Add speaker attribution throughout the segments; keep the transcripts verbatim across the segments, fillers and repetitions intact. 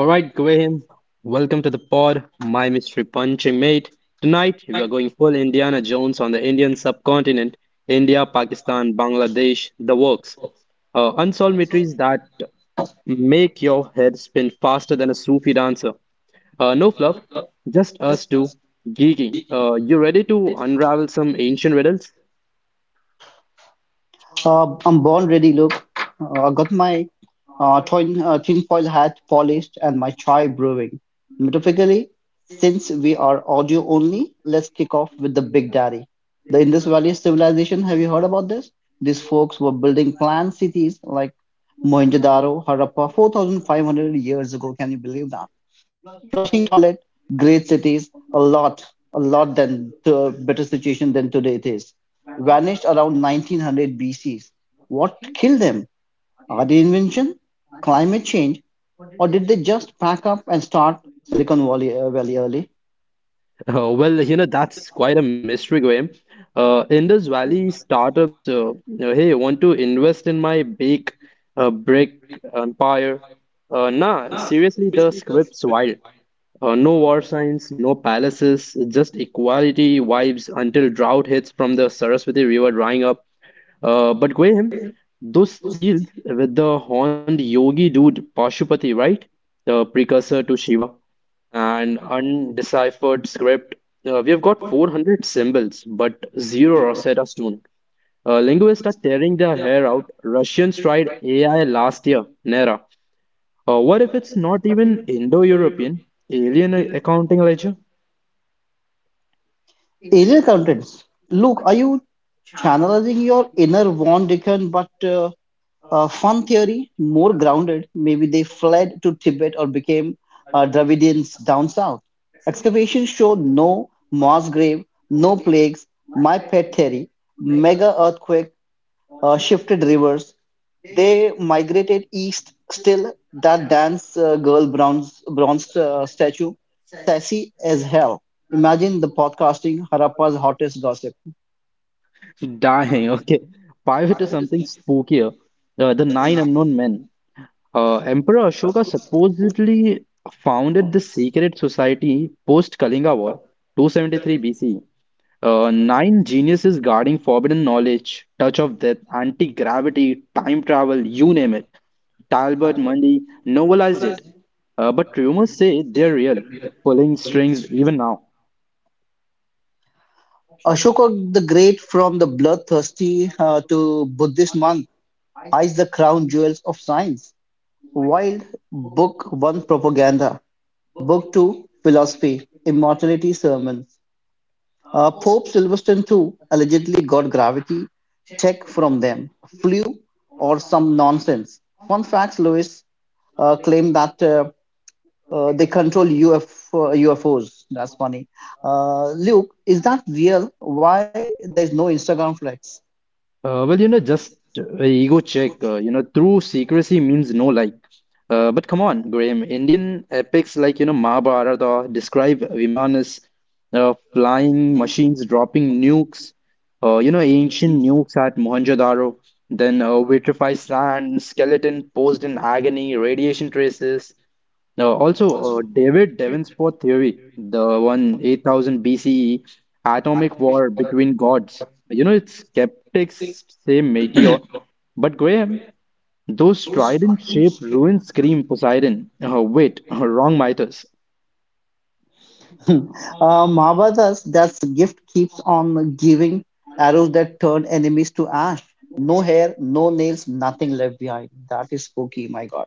Speaker 1: All right, Graham, welcome to the pod, my mystery punching mate. Tonight, we are going full Indiana Jones on the Indian subcontinent, India, Pakistan, Bangladesh, the works. Uh, unsolved mysteries that make your head spin faster than a Sufi dancer. Uh, no fluff, just us two geeking. Uh, you ready to unravel some ancient riddles?
Speaker 2: Uh, I'm born ready. Look, uh, I got my uh, tin uh, tinfoil hat polished and my chai brewing. Metaphorically, since we are audio only, let's kick off with the Big Daddy. The Indus Valley civilization. Have you heard about this? These folks were building planned cities like Mohenjo-daro, Harappa, four thousand five hundred years ago. Can you believe that? Flushing toilet, great cities. A lot a lot than to better situation than today. It is vanished around nineteen hundred BC. What killed them? Are they invention, climate change, or did they just pack up and start Silicon valley, uh, valley early?
Speaker 1: Uh, well, you know, that's quite a mystery, Graham. Uh, Indus Valley startups, uh, you know, hey, want to invest in my big uh, brick empire? Uh, nah, seriously, the script's wild. Uh, no war signs, no palaces, just equality vibes until drought hits from the Saraswati River drying up. Uh, but Graham, those seals with the horned yogi dude Pashupati, right? The precursor to Shiva, an undeciphered script. Uh, we have got four hundred symbols, but zero Rosetta Stone. Uh, linguists are tearing their hair out. Russians tried A I last year, Nera. Uh, what if it's not even Indo-European? Alien accounting ledger?
Speaker 2: Arial contents. Look, are you channelizing your inner Von Dickens? But uh, uh, fun theory, more grounded? Maybe they fled to Tibet or became uh, Dravidians down south. Excavations showed no mass grave, no plagues. My pet theory, mega earthquake uh, shifted rivers. They migrated east, still that dance uh, girl, bronze bronze uh, statue, sassy as hell. Imagine the podcasting Harappa's hottest gossip.
Speaker 1: Dying, okay. Pivot to something spookier. Uh, the nine unknown men. Uh, Emperor Ashoka supposedly founded the secret society post Kalinga War, two seventy-three B C. Uh, nine geniuses guarding forbidden knowledge, touch of death, anti-gravity, time travel, you name it. Talbot Mundy novelized it. Uh, but rumors say they're real, pulling strings even now.
Speaker 2: Ashoka the Great, from the bloodthirsty uh, to Buddhist monk, hides the crown jewels of science. Wild. Book one, propaganda. Book two, philosophy, immortality, sermons. Uh, Pope Sylvester the second allegedly got gravity check from them, flew, or some nonsense. Fun facts: Lewis uh, claimed that uh, uh, they control UF, uh, U F Os. That's funny. Uh, Luke, is that real? Why there's no Instagram flex?
Speaker 1: Uh, well, you know, just uh, ego check. Uh, you know, true secrecy means no like. Uh, but come on, Graham. Indian epics like, you know, Mahabharata describe Vimanas, uh, flying machines dropping nukes. Uh, you know, ancient nukes at Mohenjo-daro. Then uh, vitrified sand, skeleton posed in agony, radiation traces. Uh, also, uh, David Davenport theory, the one eight thousand B C E atomic war between gods. You know, its skeptics say meteor, but Graham, those trident-shaped ruins scream Poseidon. Uh, wait, wrong Midas.
Speaker 2: uh, Mahabharata, that's gift keeps on giving arrows that turn enemies to ash. No hair, no nails, nothing left behind. That is spooky, my God.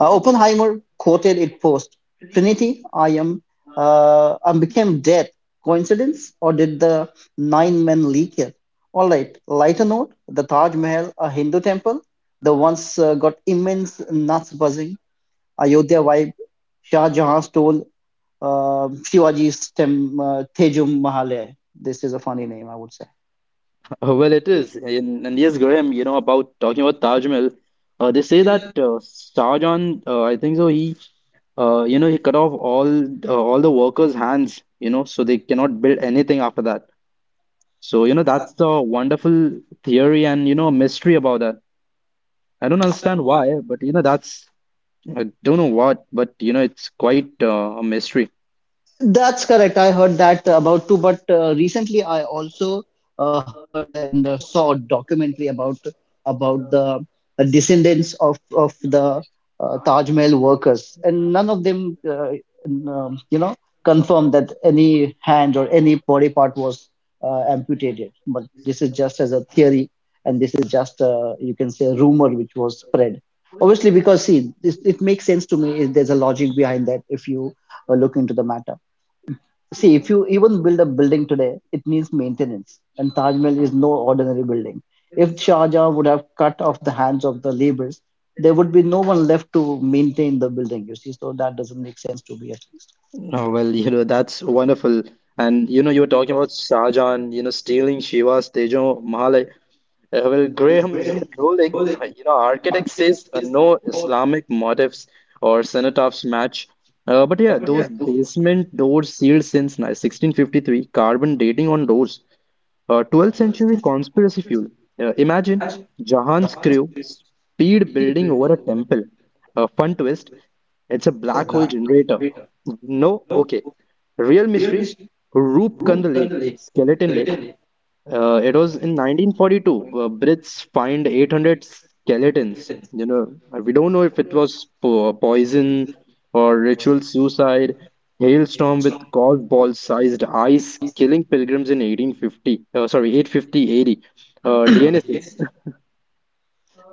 Speaker 2: Uh, Oppenheimer quoted it post Trinity. I am, uh, I became death. Coincidence, or did the nine men leak it? All right, lighter note, the Taj Mahal, a Hindu temple, the once uh, got immense nuts buzzing, Ayodhya vibe. Shah Jahan stole uh, Shivaji's tem, uh, Tejum Mahal. This is a funny name, I would say.
Speaker 1: Uh, well, it is. And, and yes, Graham, you know, about talking about Taj Mahal, uh, they say that uh, Sargon, uh, I think so, he uh, you know he cut off all uh, all the workers' hands, you know, so they cannot build anything after that. So, you know, that's the wonderful theory and, you know, mystery about that. I don't understand why, but, you know, that's, I don't know what, but, you know, it's quite uh, a mystery.
Speaker 2: That's correct. I heard that about too, but uh, recently I also uh, heard and uh, saw a documentary about about the descendants of of the uh, Taj Mahal workers, and none of them, uh, n- um, you know, confirmed that any hand or any body part was uh, amputated. But this is just as a theory, and this is just uh, you can say a rumor which was spread. Obviously, because see, this, it makes sense to me. There's a logic behind that if you uh, look into the matter. See, if you even build a building today, it needs maintenance, and Taj Mahal is no ordinary building. If Shah Jahan would have cut off the hands of the laborers, there would be no one left to maintain the building, you see. So that doesn't make sense to be at least.
Speaker 1: Oh, well, you know, that's wonderful. And, you know, you were talking about Sajan, you know, stealing Shiva's Tejo Mahalai. Uh, well, Graham, you're trolling. Uh, you know, architect says uh, no Islamic motifs or cenotaphs match. Uh, but yeah, those basement doors sealed since ni- sixteen fifty-three, carbon dating on doors. Uh, twelfth century conspiracy fuel. Uh, imagine Jahan's crew speed building over a temple. A fun twist, it's a black hole generator. No, okay. Real mystery, Roopkund Lake, Skeleton Lake, uh, it was in nineteen forty-two. Uh, Brits find eight hundred skeletons. You know, uh, we don't know if it was po poison or ritual suicide. Hailstorm with golf ball-sized ice killing pilgrims in eighteen fifty. Uh, sorry, eight fifty A D. Uh, D N Ss,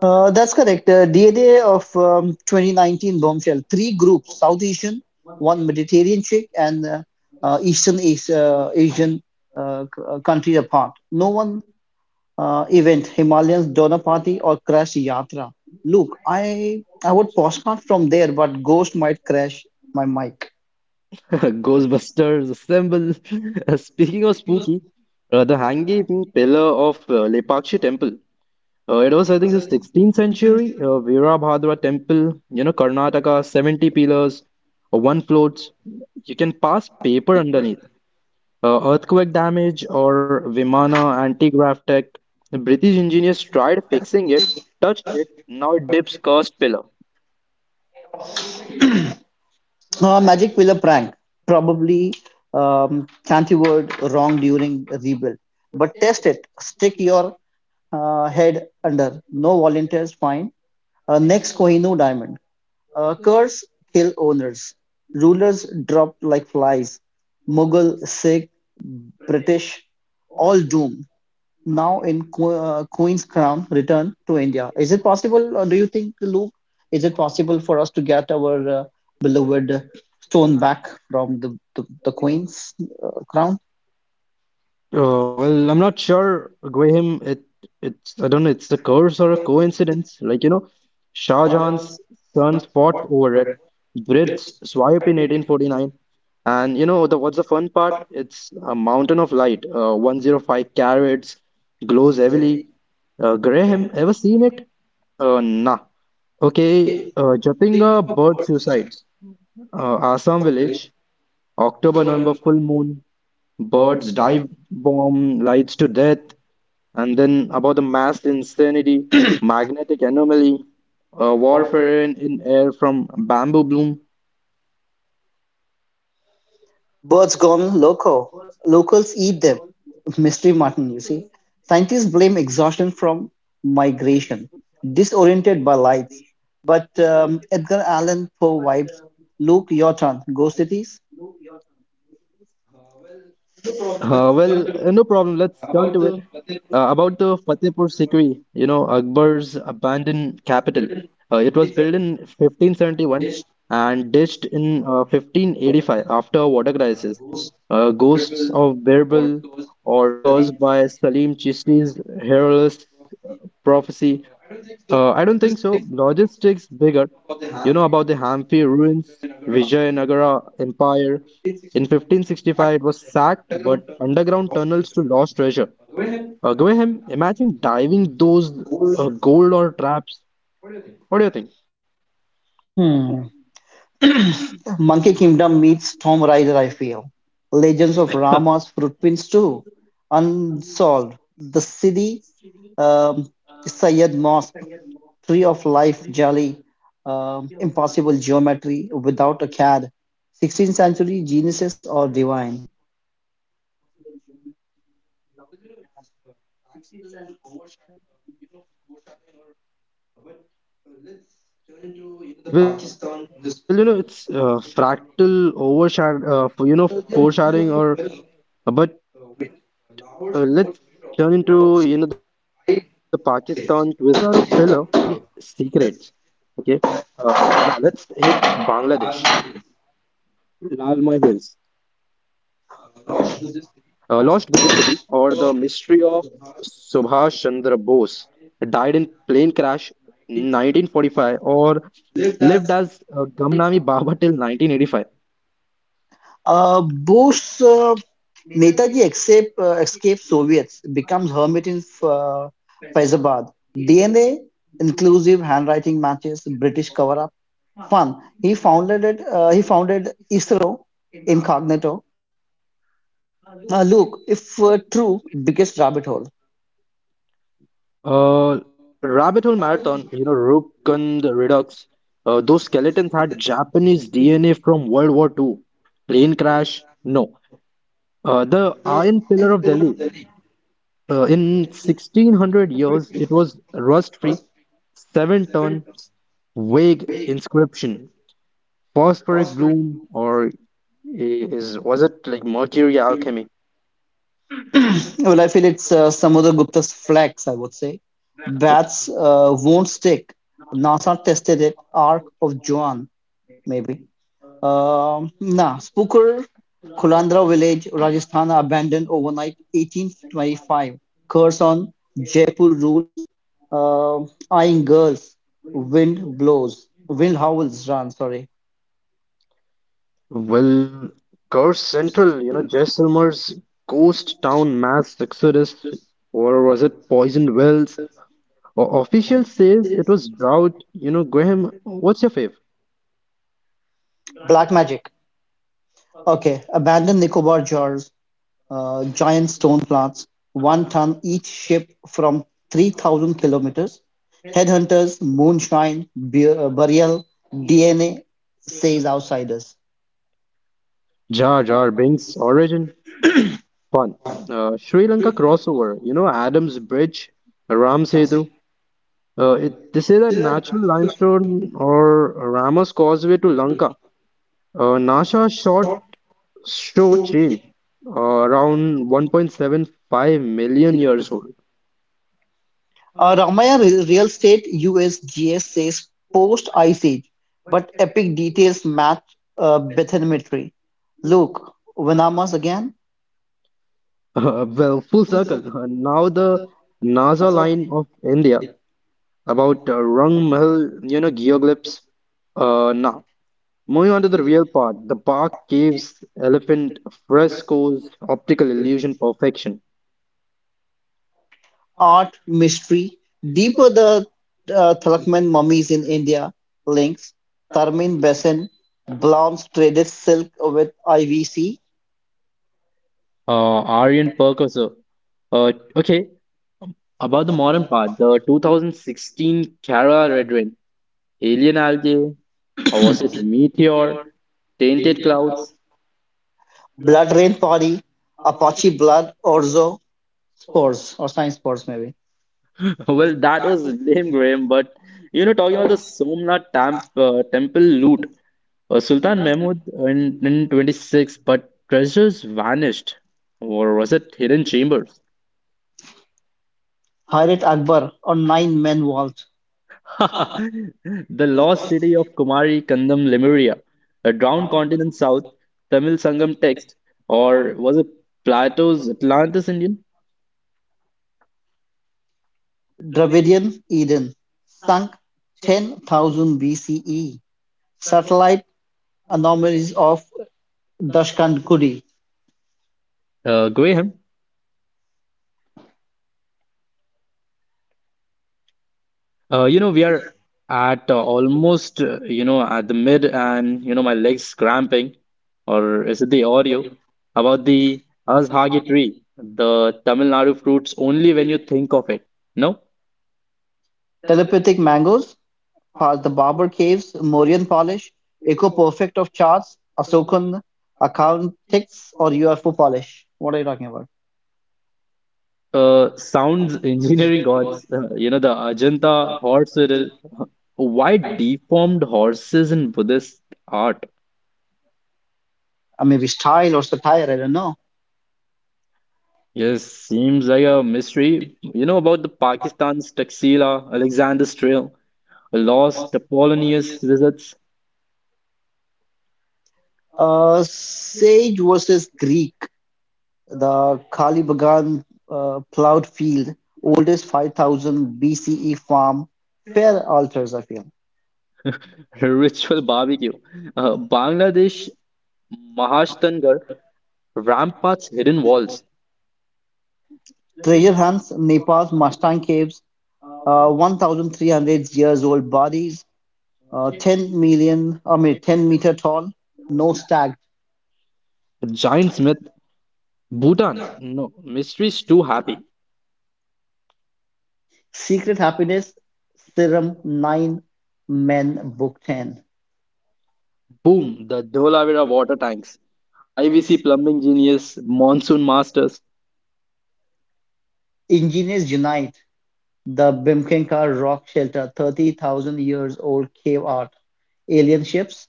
Speaker 2: Uh, that's correct. Uh, D N A of um, twenty nineteen bombshell. Three groups: South Asian, one Mediterranean shake, and uh, uh, Eastern As- uh, Asian uh, c- uh, countries apart. No one uh, event, Himalayas Donor Party or Crash Yatra. Look, I I would postcard from there, but Ghost might crash my mic.
Speaker 1: Ghostbusters assemble. Speaking of spooky, uh, the hanging pillar of uh, Lepakshi Temple. Uh, it was, I think, the sixteenth century uh, Virabhadra temple, you know, Karnataka, seventy pillars, uh, one float. You can pass paper underneath. Uh, earthquake damage or Vimana, anti-grav tech. The British engineers tried fixing it, touched it, now it dips cursed pillar.
Speaker 2: Uh, Magic Villa prank, probably um, fancy word wrong during rebuild, but test it. Stick your uh, head under. No volunteers, fine. Uh, next, Kohinoor diamond. Uh, curse kill owners. Rulers dropped like flies. Mughal, Sikh, British, all doomed. Now in Qu- uh, Queen's Crown, return to India. Is it possible, or do you think, Luke, is it possible for us to get our uh, beloved stone back from the, the, the Queen's uh, Crown?
Speaker 1: Uh, well, I'm not sure, Graham. It it's I don't know. It's a curse or a coincidence. Like you know, Shah Jahan's sons fought over it. Brits swiped in eighteen forty-nine, and you know the what's the fun part? It's a mountain of light. Uh, one hundred five carats, glows heavily. Uh, Graham, ever seen it? Uh, nah. Okay. Uh, Jatinga bird suicides. Uh, Assam village. October-November full moon, birds dive bomb lights to death, and then about the mass insanity, magnetic anomaly, uh, warfare in, in air from bamboo bloom.
Speaker 2: Birds gone loco. Locals eat them. Mystery Martin, you see. Scientists blame exhaustion from migration, disoriented by lights. But um, Edgar Allan Poe vibes. Luke, your turn. Ghost cities?
Speaker 1: Uh, well, uh, no problem. Let's turn to it. Uh, about the Fatehpur Sikri, you know, Akbar's abandoned capital. Uh, it was built in fifteen seventy-one and ditched in uh, fifteen eighty-five after a water crisis. Uh, ghosts of Birbal or caused by Salim Chisti's hairless prophecy uh, I don't think so. Logistics bigger. You know about the Hampi ruins, Vijayanagara Empire. In fifteen sixty-five, it was sacked, but underground tunnels to lost treasure. Uh, Graham, imagine diving those uh, gold or traps. What do you think?
Speaker 2: Hmm. Monkey Kingdom meets Tomb Raider, I feel. Legends of Rama's Footprints two, unsolved, the city, um, Sayed Mosque, Tree of Life, Jali, um, impossible geometry, without a C A D, sixteenth century geniuses or divine.
Speaker 1: Well, you know, it's uh, fractal overshadow, uh, f- you know, foreshadowing or uh, but uh, let's turn into you know the Pakistan twist, the Mohenjo-daro again. But uh, their Mohenjo-daro pillar Uh, wait, uh, Lahore's fourth mirror works hide secrets. Okay, uh, and now let's hit Bangladesh, Lalmai Hills, uh, Lost Buddhist lived as uh, Gamnami Baba till nineteen eighty-five.
Speaker 2: Uh, Bose, uh, Netaji escape, uh, escapes Soviets, becomes hermit in uh, Faizabad. D N A, inclusive handwriting matches, British cover-up. Fun. He founded it, uh, he founded ISRO incognito. Uh, look, if uh, true, biggest rabbit hole.
Speaker 1: Uh, Rabbit Hole Marathon, you know, Rubicon the Redux, uh, those skeletons had Japanese D N A from World War Two Plane crash? No. Uh, the Iron Pillar of Delhi, uh, in sixteen hundred years, it was rust-free, seven tons, vague inscription, phosphoric bloom, or i- is was it like mercury alchemy?
Speaker 2: Well, I feel it's uh, Samudra Gupta's flex, I would say. Bats uh, won't stick. NASA tested it. Arc of Joan, maybe. Um, nah, Spooker, Kulandra village, Rajasthan abandoned overnight eighteen twenty-five. Curse on Jaipur rules. Um eyeing girls, wind blows, wind howls, run, sorry.
Speaker 1: Well, Curse Central, you know, Jaisalmer's ghost town mass exodus, or was it poisoned wells? O official says it was drought. You know, Graham, what's your fave?
Speaker 2: Black magic. Okay, abandoned Nicobar jars, uh, giant stone plants, one ton each, ship from 3,000 kilometers. Headhunters, moonshine, beer, uh, burial, D N A, says outsiders.
Speaker 1: Jar Jar Binks, Origin, fun. Uh, Sri Lanka crossover, you know, Adams Bridge, Ram Setu. Uh, it, they say that natural limestone or Ramos Causeway to Lanka. Uh, NASA short Sho Chin, uh, around one point seven five million years old.
Speaker 2: Uh, Ramaya Re- Real Estate. U S G S says post Ice Age, but epic details match uh, bathymetry. Look, Venamas again,
Speaker 1: Well, full circle. Uh, Now the NASA line of India about uh, Rung Mahal, you know, geoglyphs. Uh, now, moving on to the real part, the park caves, elephant frescoes, optical illusion, perfection.
Speaker 2: art, mystery, deeper the uh, Thalakman mummies in India, links, Tharmin Basin, Blonde's traded silk with I V C.
Speaker 1: Uh, Aryan Percussor. Uh, okay, about the modern part, the twenty sixteen Kara Red Alien algae? Or was it meteor? Tainted clouds?
Speaker 2: Blood Rain Party, Apache Blood, Orzo, spores, or science spores maybe.
Speaker 1: Well, that was lame, Graham. But you know, talking about the Somnath Tam uh, temple loot, uh, Sultan Mahmud in, in twenty-six, but treasures vanished. Or was it hidden chambers?
Speaker 2: Pirate Akbar, or Nine Men Vault.
Speaker 1: The lost city of Kumari, Kandam, Lemuria, a drowned continent south, Tamil Sangam text, or was it Plato's Atlantis Indian?
Speaker 2: Dravidian Eden, sunk ten thousand B C E. Satellite anomalies of Dashkankuri,
Speaker 1: Uh, Graham, Uh, you know, we are at uh, almost, uh, you know, at the mid, and you know, my legs cramping, or is it the audio about the Azhagi tree, the Tamil Nadu fruits only when you think of it. No,
Speaker 2: telepathic mangoes, past the Barber Caves, Mauryan polish, Eco Perfect of charts, Asokan accountics, or U F O polish. What are you talking about?
Speaker 1: uh, sounds engineering gods, uh, you know, the Ajanta horse riddle. Why deformed horses in Buddhist art?
Speaker 2: Uh, maybe style or satire, I don't know.
Speaker 1: Yes, seems like a mystery. You know about the Pakistan's Taxila, Alexander's Trail, lost Apollonius visits
Speaker 2: Uh, Sage versus Greek. The Khali Bagan uh, plowed field, oldest five thousand B C E farm, fair altars, I feel.
Speaker 1: ritual barbecue. Uh, Bangladesh Mahashtangar, Rampart's hidden walls,
Speaker 2: Treasure hunts, Nepal's Mustang caves, uh, one thousand three hundred years old bodies, uh, ten million, I mean, ten meter tall, no stag.
Speaker 1: Giant's myth, Bhutan, no, mysteries too happy.
Speaker 2: Secret happiness, serum nine, men book ten.
Speaker 1: Boom, the Dholavira water tanks, I V C plumbing genius, monsoon masters,
Speaker 2: Engineers unite, the Bimkenka rock shelter, thirty thousand years old cave art, alien ships.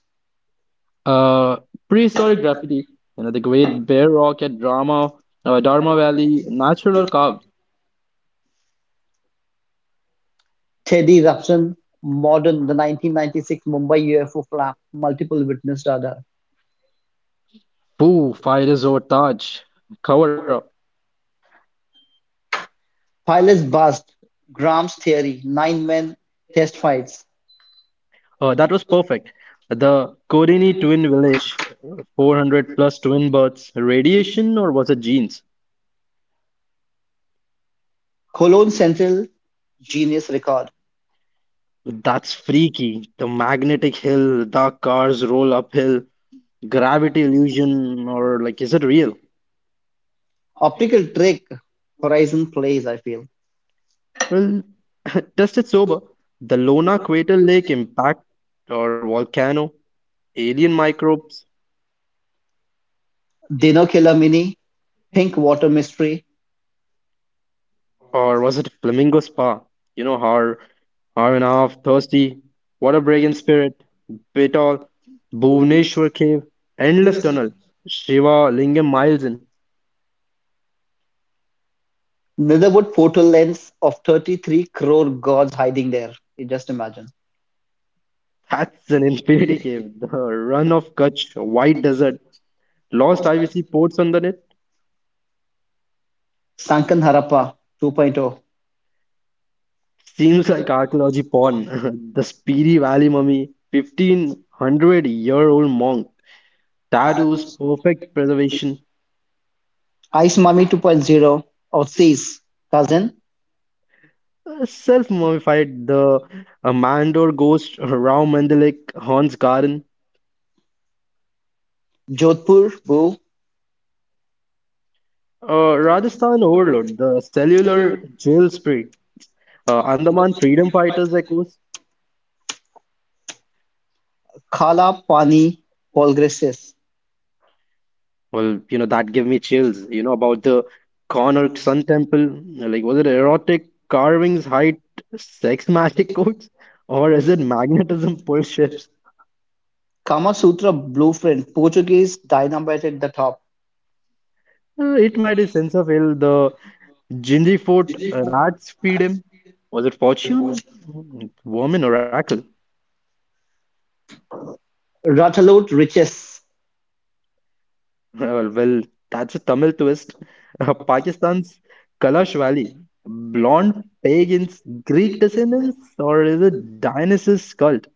Speaker 1: uh, prehistoric graffiti, you know, the Great Bear Rock at Drama, uh, Dharma Valley, natural or carved.
Speaker 2: Teddy eruption. Modern, the nineteen ninety-six Mumbai U F O flap, multiple witness radar.
Speaker 1: Foo, fire resort Taj, cover up.
Speaker 2: Pilots bust. Graham's theory, nine men, test fights.
Speaker 1: Uh, that was perfect. The Kodini twin village, four hundred plus twin births, radiation or was it genes?
Speaker 2: Cologne Central, genius record.
Speaker 1: That's freaky. The magnetic hill, the cars roll uphill, gravity illusion, or like, is it real?
Speaker 2: Optical trick, Horizon plays, I feel.
Speaker 1: Well, test it sober. The Lona Crater Lake impact or volcano, alien microbes,
Speaker 2: Dino Killer Mini, pink water mystery,
Speaker 1: or was it Flamingo Spa? You know, hour, hour and a half, thirsty, water break in spirit, Betal, Bhuvneshwar cave, endless tunnel, Shiva Lingam miles in.
Speaker 2: Netherwood portal, lens of thirty-three crore gods hiding there. You just imagine.
Speaker 1: That's an infinity cave, the run of Kutch, white desert, lost I V C ports under it.
Speaker 2: Sankan Harappa 2.0,
Speaker 1: Seems like archaeology porn. The Spiri Valley mummy, fifteen hundred year old monk, tattoos, perfect preservation,
Speaker 2: Ice Mummy 2.0, or Oasis Cousin,
Speaker 1: self-mummified the uh, Mandor ghost Rao Mandalik haunts Karan,
Speaker 2: Jodhpur Boo,
Speaker 1: uh, Rajasthan overload, the cellular jail spirit, uh, Andaman freedom fighters echoes.
Speaker 2: Kala Pani Polgreses,
Speaker 1: Well, you know that gave me chills. You know about the Konark Sun Temple. Like, was it erotic carvings, height, sex magic codes, or is it magnetism push ships?
Speaker 2: Kama Sutra blueprint, Portuguese dynamite at the top,
Speaker 1: Uh, it might be sense of ill. The Gingy Fort uh, rats feed him. Was it fortune? Woman oracle.
Speaker 2: Ratalot Riches,
Speaker 1: Well, well, that's a Tamil twist. Uh, Pakistan's Kalash Valley, blonde pagans, Greek descendants, or is it Dionysus cult?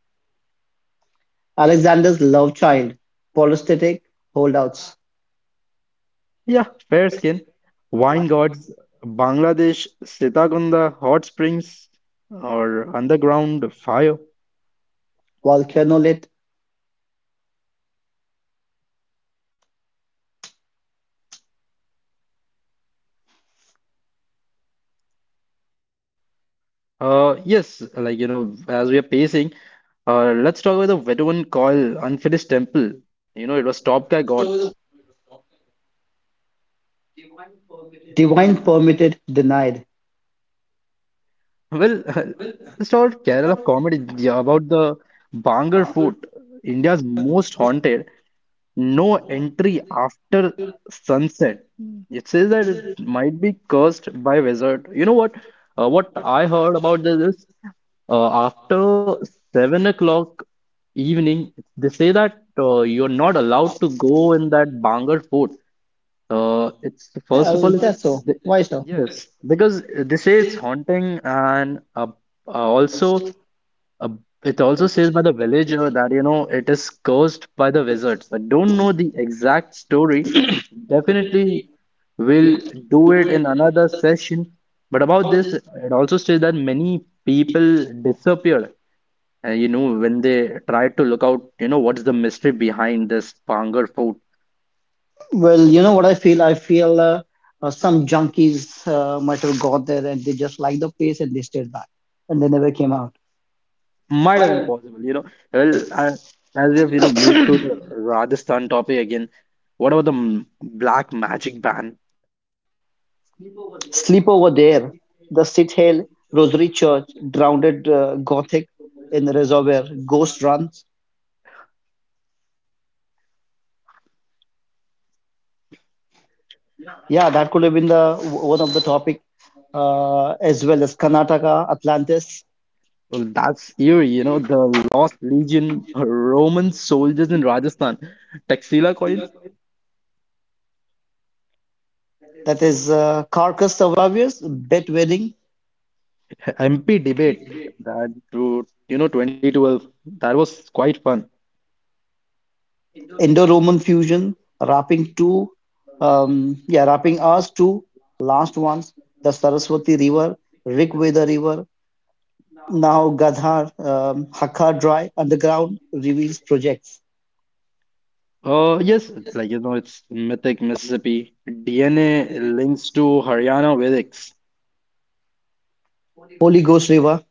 Speaker 2: Alexander's love child, polystatic holdouts,
Speaker 1: Yeah, fair skin, wine gods, Bangladesh, Sitakunga, hot springs, or underground fire.
Speaker 2: volcano lit,
Speaker 1: Uh, yes, like you know, as we are pacing, uh, let's talk about the Bedouin call unfinished temple. You know, it was top guy gods.
Speaker 2: divine permitted denied.
Speaker 1: Well, let's talk about Kerala comedy yeah, about the Bangar Fort, India's most haunted. No entry after sunset. Mm. It says that it might be cursed by wizard. You know what? Uh, what I heard about this is Uh, after seven o'clock evening, they say that uh, you're not allowed to go in that Bangar fort. Uh, it's first of
Speaker 2: Uh,
Speaker 1: all,
Speaker 2: that's
Speaker 1: it's
Speaker 2: so.
Speaker 1: the,
Speaker 2: Why so?
Speaker 1: yes, because they say it's haunting, and uh, uh, also uh, it also says by the villager that you know it is cursed by the wizards. I don't know the exact story. Definitely, we'll do it in another session. But about this, it also says that many people disappeared uh, you know, when they tried to look out, you know, what's the mystery behind this Pangar fort?
Speaker 2: Well, you know what I feel? I feel uh, uh, some junkies uh, might have got there and they just liked the place and they stayed back and they never came out.
Speaker 1: Might have been possible, you know. Well, uh, as we have, you know, moved to the Rajasthan topic again, what about the m- black magic ban?
Speaker 2: Sleep over there, the Sithill Rosary Church, drowned uh, Gothic in the reservoir, ghost runs. Yeah, that could have been the one of the topic uh, as well as Karnataka, Atlantis.
Speaker 1: Well, that's eerie, you know, the Lost Legion, Roman soldiers in Rajasthan, Taxila coins,
Speaker 2: That is uh, Carcass Survivors, Bet Wedding,
Speaker 1: M P debate that, to- you know, twenty twelve. That was quite fun.
Speaker 2: Indo-Roman Fusion, Rapping two, um, yeah, Rapping Us two, last ones, the Saraswati River, Rig Veda River, now Gadhar, um, Hakka Dry Underground Reveals Projects.
Speaker 1: Uh, yes, like you know, it's mythic Mississippi. D N A links to Haryana Vedics.
Speaker 2: Holy Ghost River,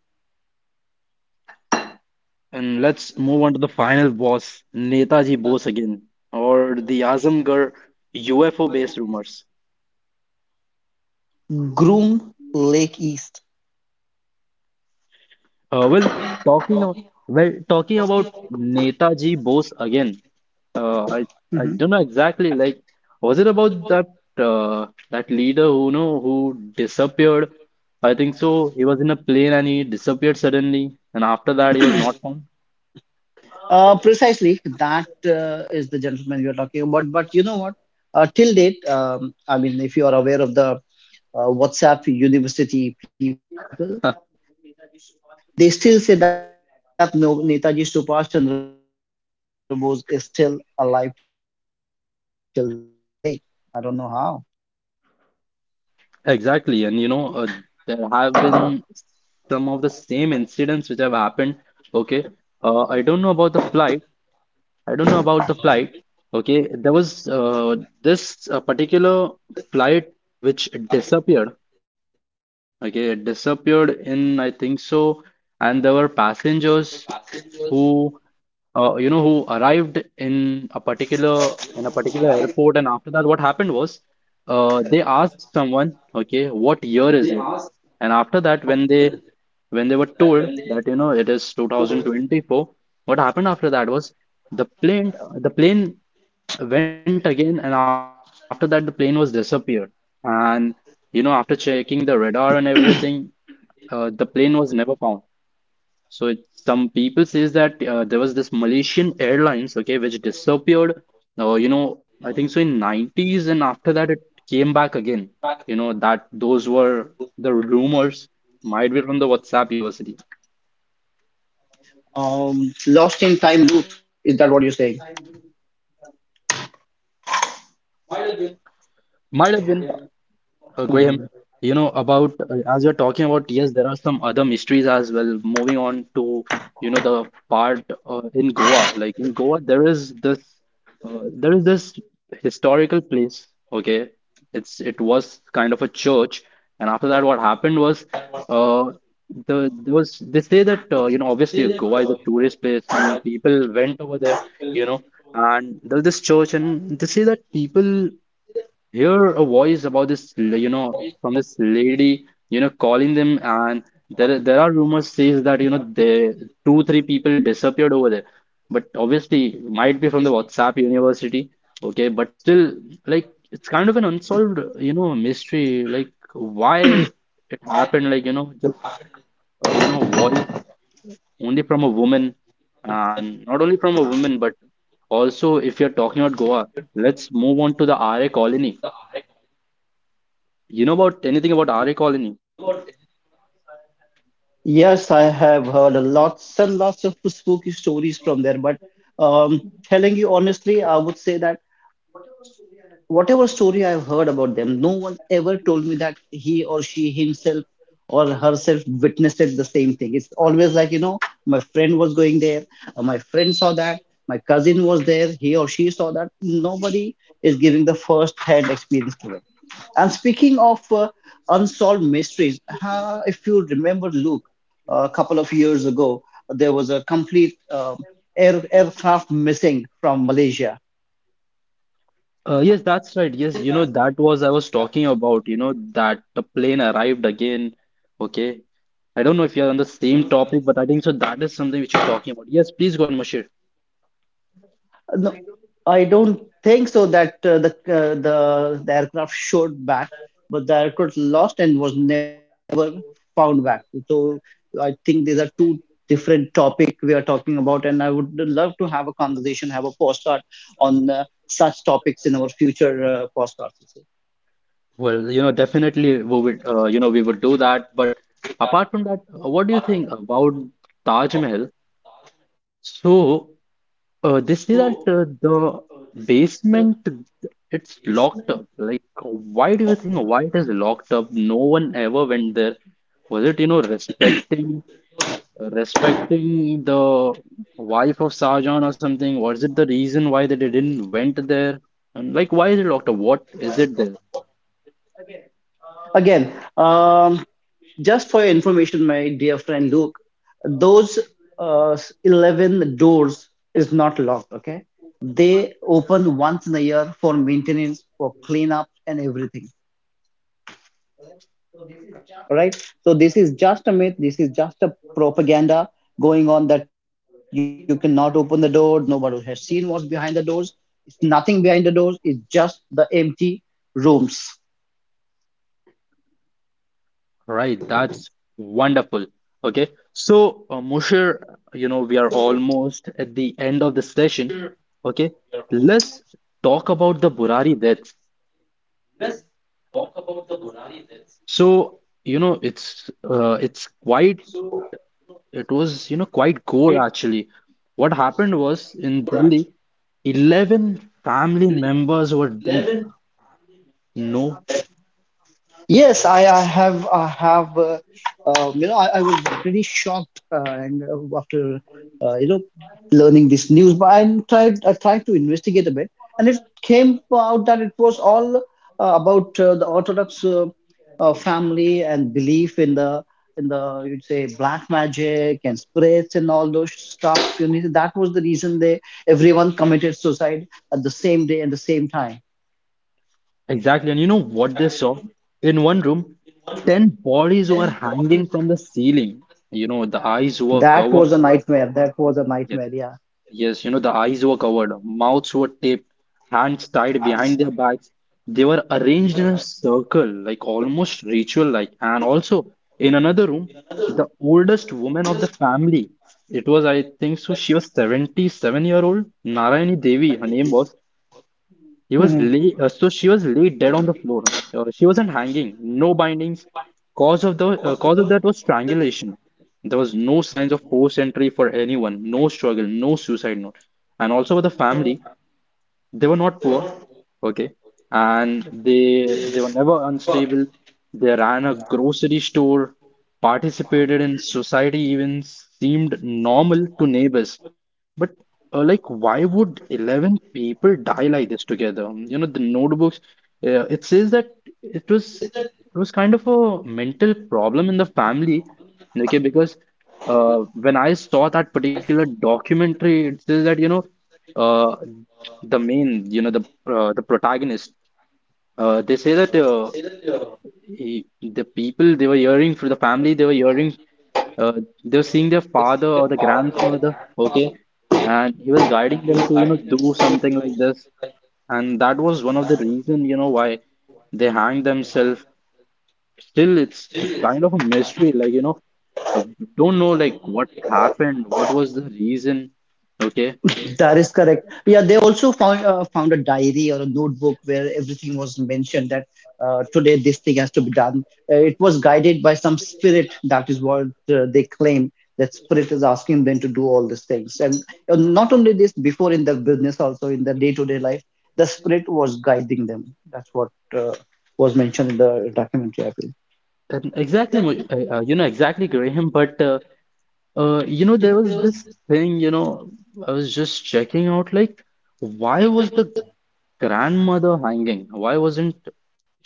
Speaker 1: And let's move on to the final boss, Netaji Bose again, or the Azamgarh U F O-based rumors.
Speaker 2: Groom Lake East.
Speaker 1: Uh, well, talking about, well, talking about Netaji Bose again. Uh, I I
Speaker 2: Mhm.
Speaker 1: don't know exactly. Like, was it about that uh, that leader who, you know, who disappeared? I think so. He was in a plane and he disappeared suddenly, and after that he was not found.
Speaker 2: Uh, precisely, that uh, is the gentleman we are talking about. But you know what? Uh, till date, um, I mean, if you are aware of the uh, WhatsApp University people, they still say that no, Netaji Subhash Chandra Bose is still alive till date. I don't know how.
Speaker 1: Exactly, and you know uh, there have been some of the same incidents which have happened. Okay, uh, I don't know about the flight, I don't know about the flight. Okay, there was uh, this uh, particular flight which disappeared. Okay, it disappeared in, I think so, and there were passengers who, uh, you know, who in a particular in a particular airport, and after that, what happened was, uh, they asked someone, okay, what year is it? And after that, when they when they were told that, you know, it is two thousand twenty-four. What happened after that was the plane the plane went again, and after that the plane was disappeared. And you know, after checking the radar and everything, uh, the plane was never found. So it, some people says that uh, there was this Malaysian Airlines, okay, uh, you know, I think so, in nineties, and after that it came back again. You know, that those were the rumors, might be from the WhatsApp University.
Speaker 2: Um, lost in time loop. Is that what you're saying?
Speaker 1: Malevin, Uh, Graham, you know, about
Speaker 2: Mhm.
Speaker 1: uh, as you're talking about, yes, there are some other mysteries as well. Moving on to, you know, the part uh, in Goa. Like in Goa, there is this, uh, there is this historical place. Okay, it's it was kind of a church, and after that, what happened was, the there was they say that, uh, you know, obviously Goa is a tourist place, and people went over there, you know. And there's this church, and they say that people hear a voice about this, you know, from this lady, you know, calling them, and there there are rumors says that, you know, they two three people disappeared over there, but obviously might be from the WhatsApp University. Okay, but still, like, it's kind of an unsolved, you know, mystery, like why it happened, like, you know, just uh, you know, voice only from a woman. And not only from a woman, but also, if you're talking about Goa, let's move on to the R A colony. You know about anything about R A Colony?
Speaker 2: Yes, I have heard a lots and lots of spooky stories from there, but um, telling you honestly, I would say that whatever story I've heard about them, no one ever told me that he or she himself or herself witnessed it the same thing. It's always like, you know, my friend was going there, uh, my friend saw that, my cousin was there, he or she saw that. Nobody is giving the first hand experience to it. And speaking of uh, unsolved mysteries, uh, if you remember, Luke, a couple of years ago, there was a complete um, air, aircraft missing from Malaysia.
Speaker 1: Uh, yes, that's right. Yes, you know, that was I was talking about, you know, that the plane arrived again. Okay. I don't know if you're on the same topic, but I think so that is something which you're talking about. Yes, please go ahead, Mashir.
Speaker 2: No, I don't think so that uh, the, uh, the the aircraft showed back, but the aircraft lost and was never found back. So I think these are two different topic we are talking about, and I would love to have a conversation, have a postcard on uh, such topics in our future uh, postcards.
Speaker 1: Well, you know, definitely we would, uh, you know, we would do that. But apart from that, uh, what do you think about Taj Mahal? So, uh, they say that uh, the basement, it's locked up. Like, why do you think why it is locked up? No one ever went there. Was it, you know, respecting respecting the wife of Sarjan or something? Was it the reason why that they didn't went there? And like, why is it locked up? What is it there?
Speaker 2: Again, um, just for your information, my dear friend Luke, those uh, eleven doors is not locked, okay? They open once in a year for maintenance, for cleanup, and everything, all right? So, this is just a myth, this is just a propaganda going on that you cannot open the door, nobody has seen what's behind the doors. It's nothing behind the doors, it's just the empty rooms.
Speaker 1: Right, that's wonderful. Okay, so uh, Mushir, you know, we are almost at the end of the session. Okay, let's talk about the Burari deaths. So, you know, it's uh, it's quite it was, you know, quite gore actually. What happened was in Delhi, eleven family members were dead. No,
Speaker 2: Yes, I, I have, I have, uh, uh, you know, I, I was pretty shocked, uh, and uh, after, uh, you know, learning this news, but I tried, I tried to investigate a bit, and it came out that it was all uh, about uh, the Orthodox uh, uh, family, and belief in the, in the, you'd say, black magic and spirits and all those stuff. You know, that was the reason they, everyone committed suicide at the same day and the same time.
Speaker 1: exactly. And you know what they saw? In one room, ten bodies were hanging from the ceiling. You know, the eyes were
Speaker 2: That was
Speaker 1: covered.
Speaker 2: a nightmare. That was a nightmare.
Speaker 1: Yes.
Speaker 2: Yeah.
Speaker 1: Yes, you know, the eyes were covered, mouths were taped, hands tied behind their backs. They were arranged in a circle, like almost ritual-like. And also, in another room, the oldest woman of the family, it was, I think so, she was seventy-seven year old, Narayani Devi, her name was. He was
Speaker 2: Mhm.
Speaker 1: lay, uh, so She was laid dead on the floor. Uh, she wasn't hanging, no bindings. Cause of the uh, cause of that was strangulation. There was no signs of forced entry for anyone, no struggle, no suicide note. And also for the family, they were not poor, okay, and they they were never unstable. They ran a grocery store, participated in society events, seemed normal to neighbors. But uh, like, why would eleven people die like this together? You know, the notebooks, uh, it says that it was it was kind of a mental problem in the family. Okay, because uh, when I saw that particular documentary, it says that, you know, uh, the main, you know, the uh, the protagonist, uh, they say that uh, he, the people, they were hearing for the family they were hearing, uh, they were seeing their father or the grandfather, okay, and he was guiding them to, you know, do something like this. And that was one of the reason, you know, why they hanged themselves. Still, it's kind of a mystery, like, you know, uh, don't know, like what happened, what was the reason. Okay,
Speaker 2: That is correct. Yeah, they also found uh, found a diary or a notebook where everything was mentioned that uh, today this thing has to be done. Uh, it was guided by some spirit. That is what uh, they claim, that spirit is asking them to do all these things. And uh, not only this, before in the business, also in the day to day life, the spirit was guiding them. That's what uh, was mentioned in the documentary, I feel.
Speaker 1: and exactly Mo- uh, uh, you know, exactly, Graham, but uh, Uh, you know, there was this thing, you know, I was just checking out, like, why was the grandmother hanging? Why wasn't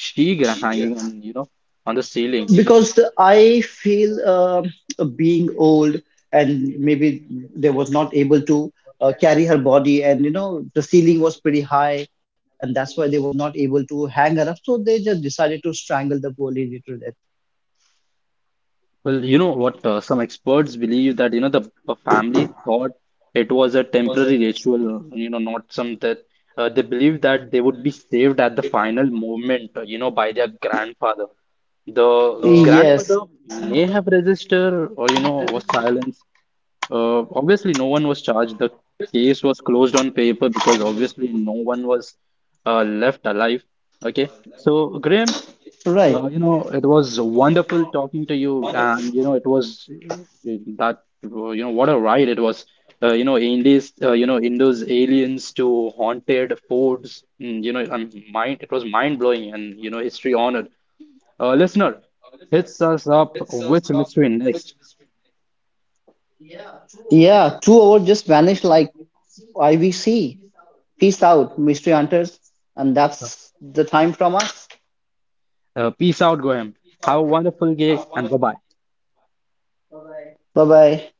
Speaker 1: she gra- hanging on, you know, on the ceiling?
Speaker 2: Because the, I feel um, uh, being old and maybe they was not able to uh, carry her body, and you know the ceiling was pretty high and that's why they was not able to hang her up, so they just decided to strangle the poor lady to death.
Speaker 1: Well, you know what? Uh, some experts believe that, you know, the, the family thought it was a temporary ritual, you know, not some death. Uh, they believed that they would be saved at the final moment, uh, you know, by their grandfather. The Yes. grandmother
Speaker 2: Yes,
Speaker 1: may have resisted, or, you know, was silenced. Uh, obviously, no one was charged. The case was closed on paper because obviously no one was uh, left alive. Okay. So,
Speaker 2: right.
Speaker 1: Graham, uh, you know, it was wonderful talking to you, and you know, it was that, you know, what a ride it was. Uh, you know, Indies, uh, you know, Indo's aliens to haunted forts. Mm, you know, I'm mind. It was mind blowing, and you know, history honored. Uh, listener, hits us up. Which mystery next?
Speaker 2: Yeah, two hours just vanished like I V C. Peace out, mystery hunters, and
Speaker 1: Uh,
Speaker 2: that's the time from us.
Speaker 1: uh, Peace out, Gohem. Have a wonderful day, and bye bye.
Speaker 2: Bye bye.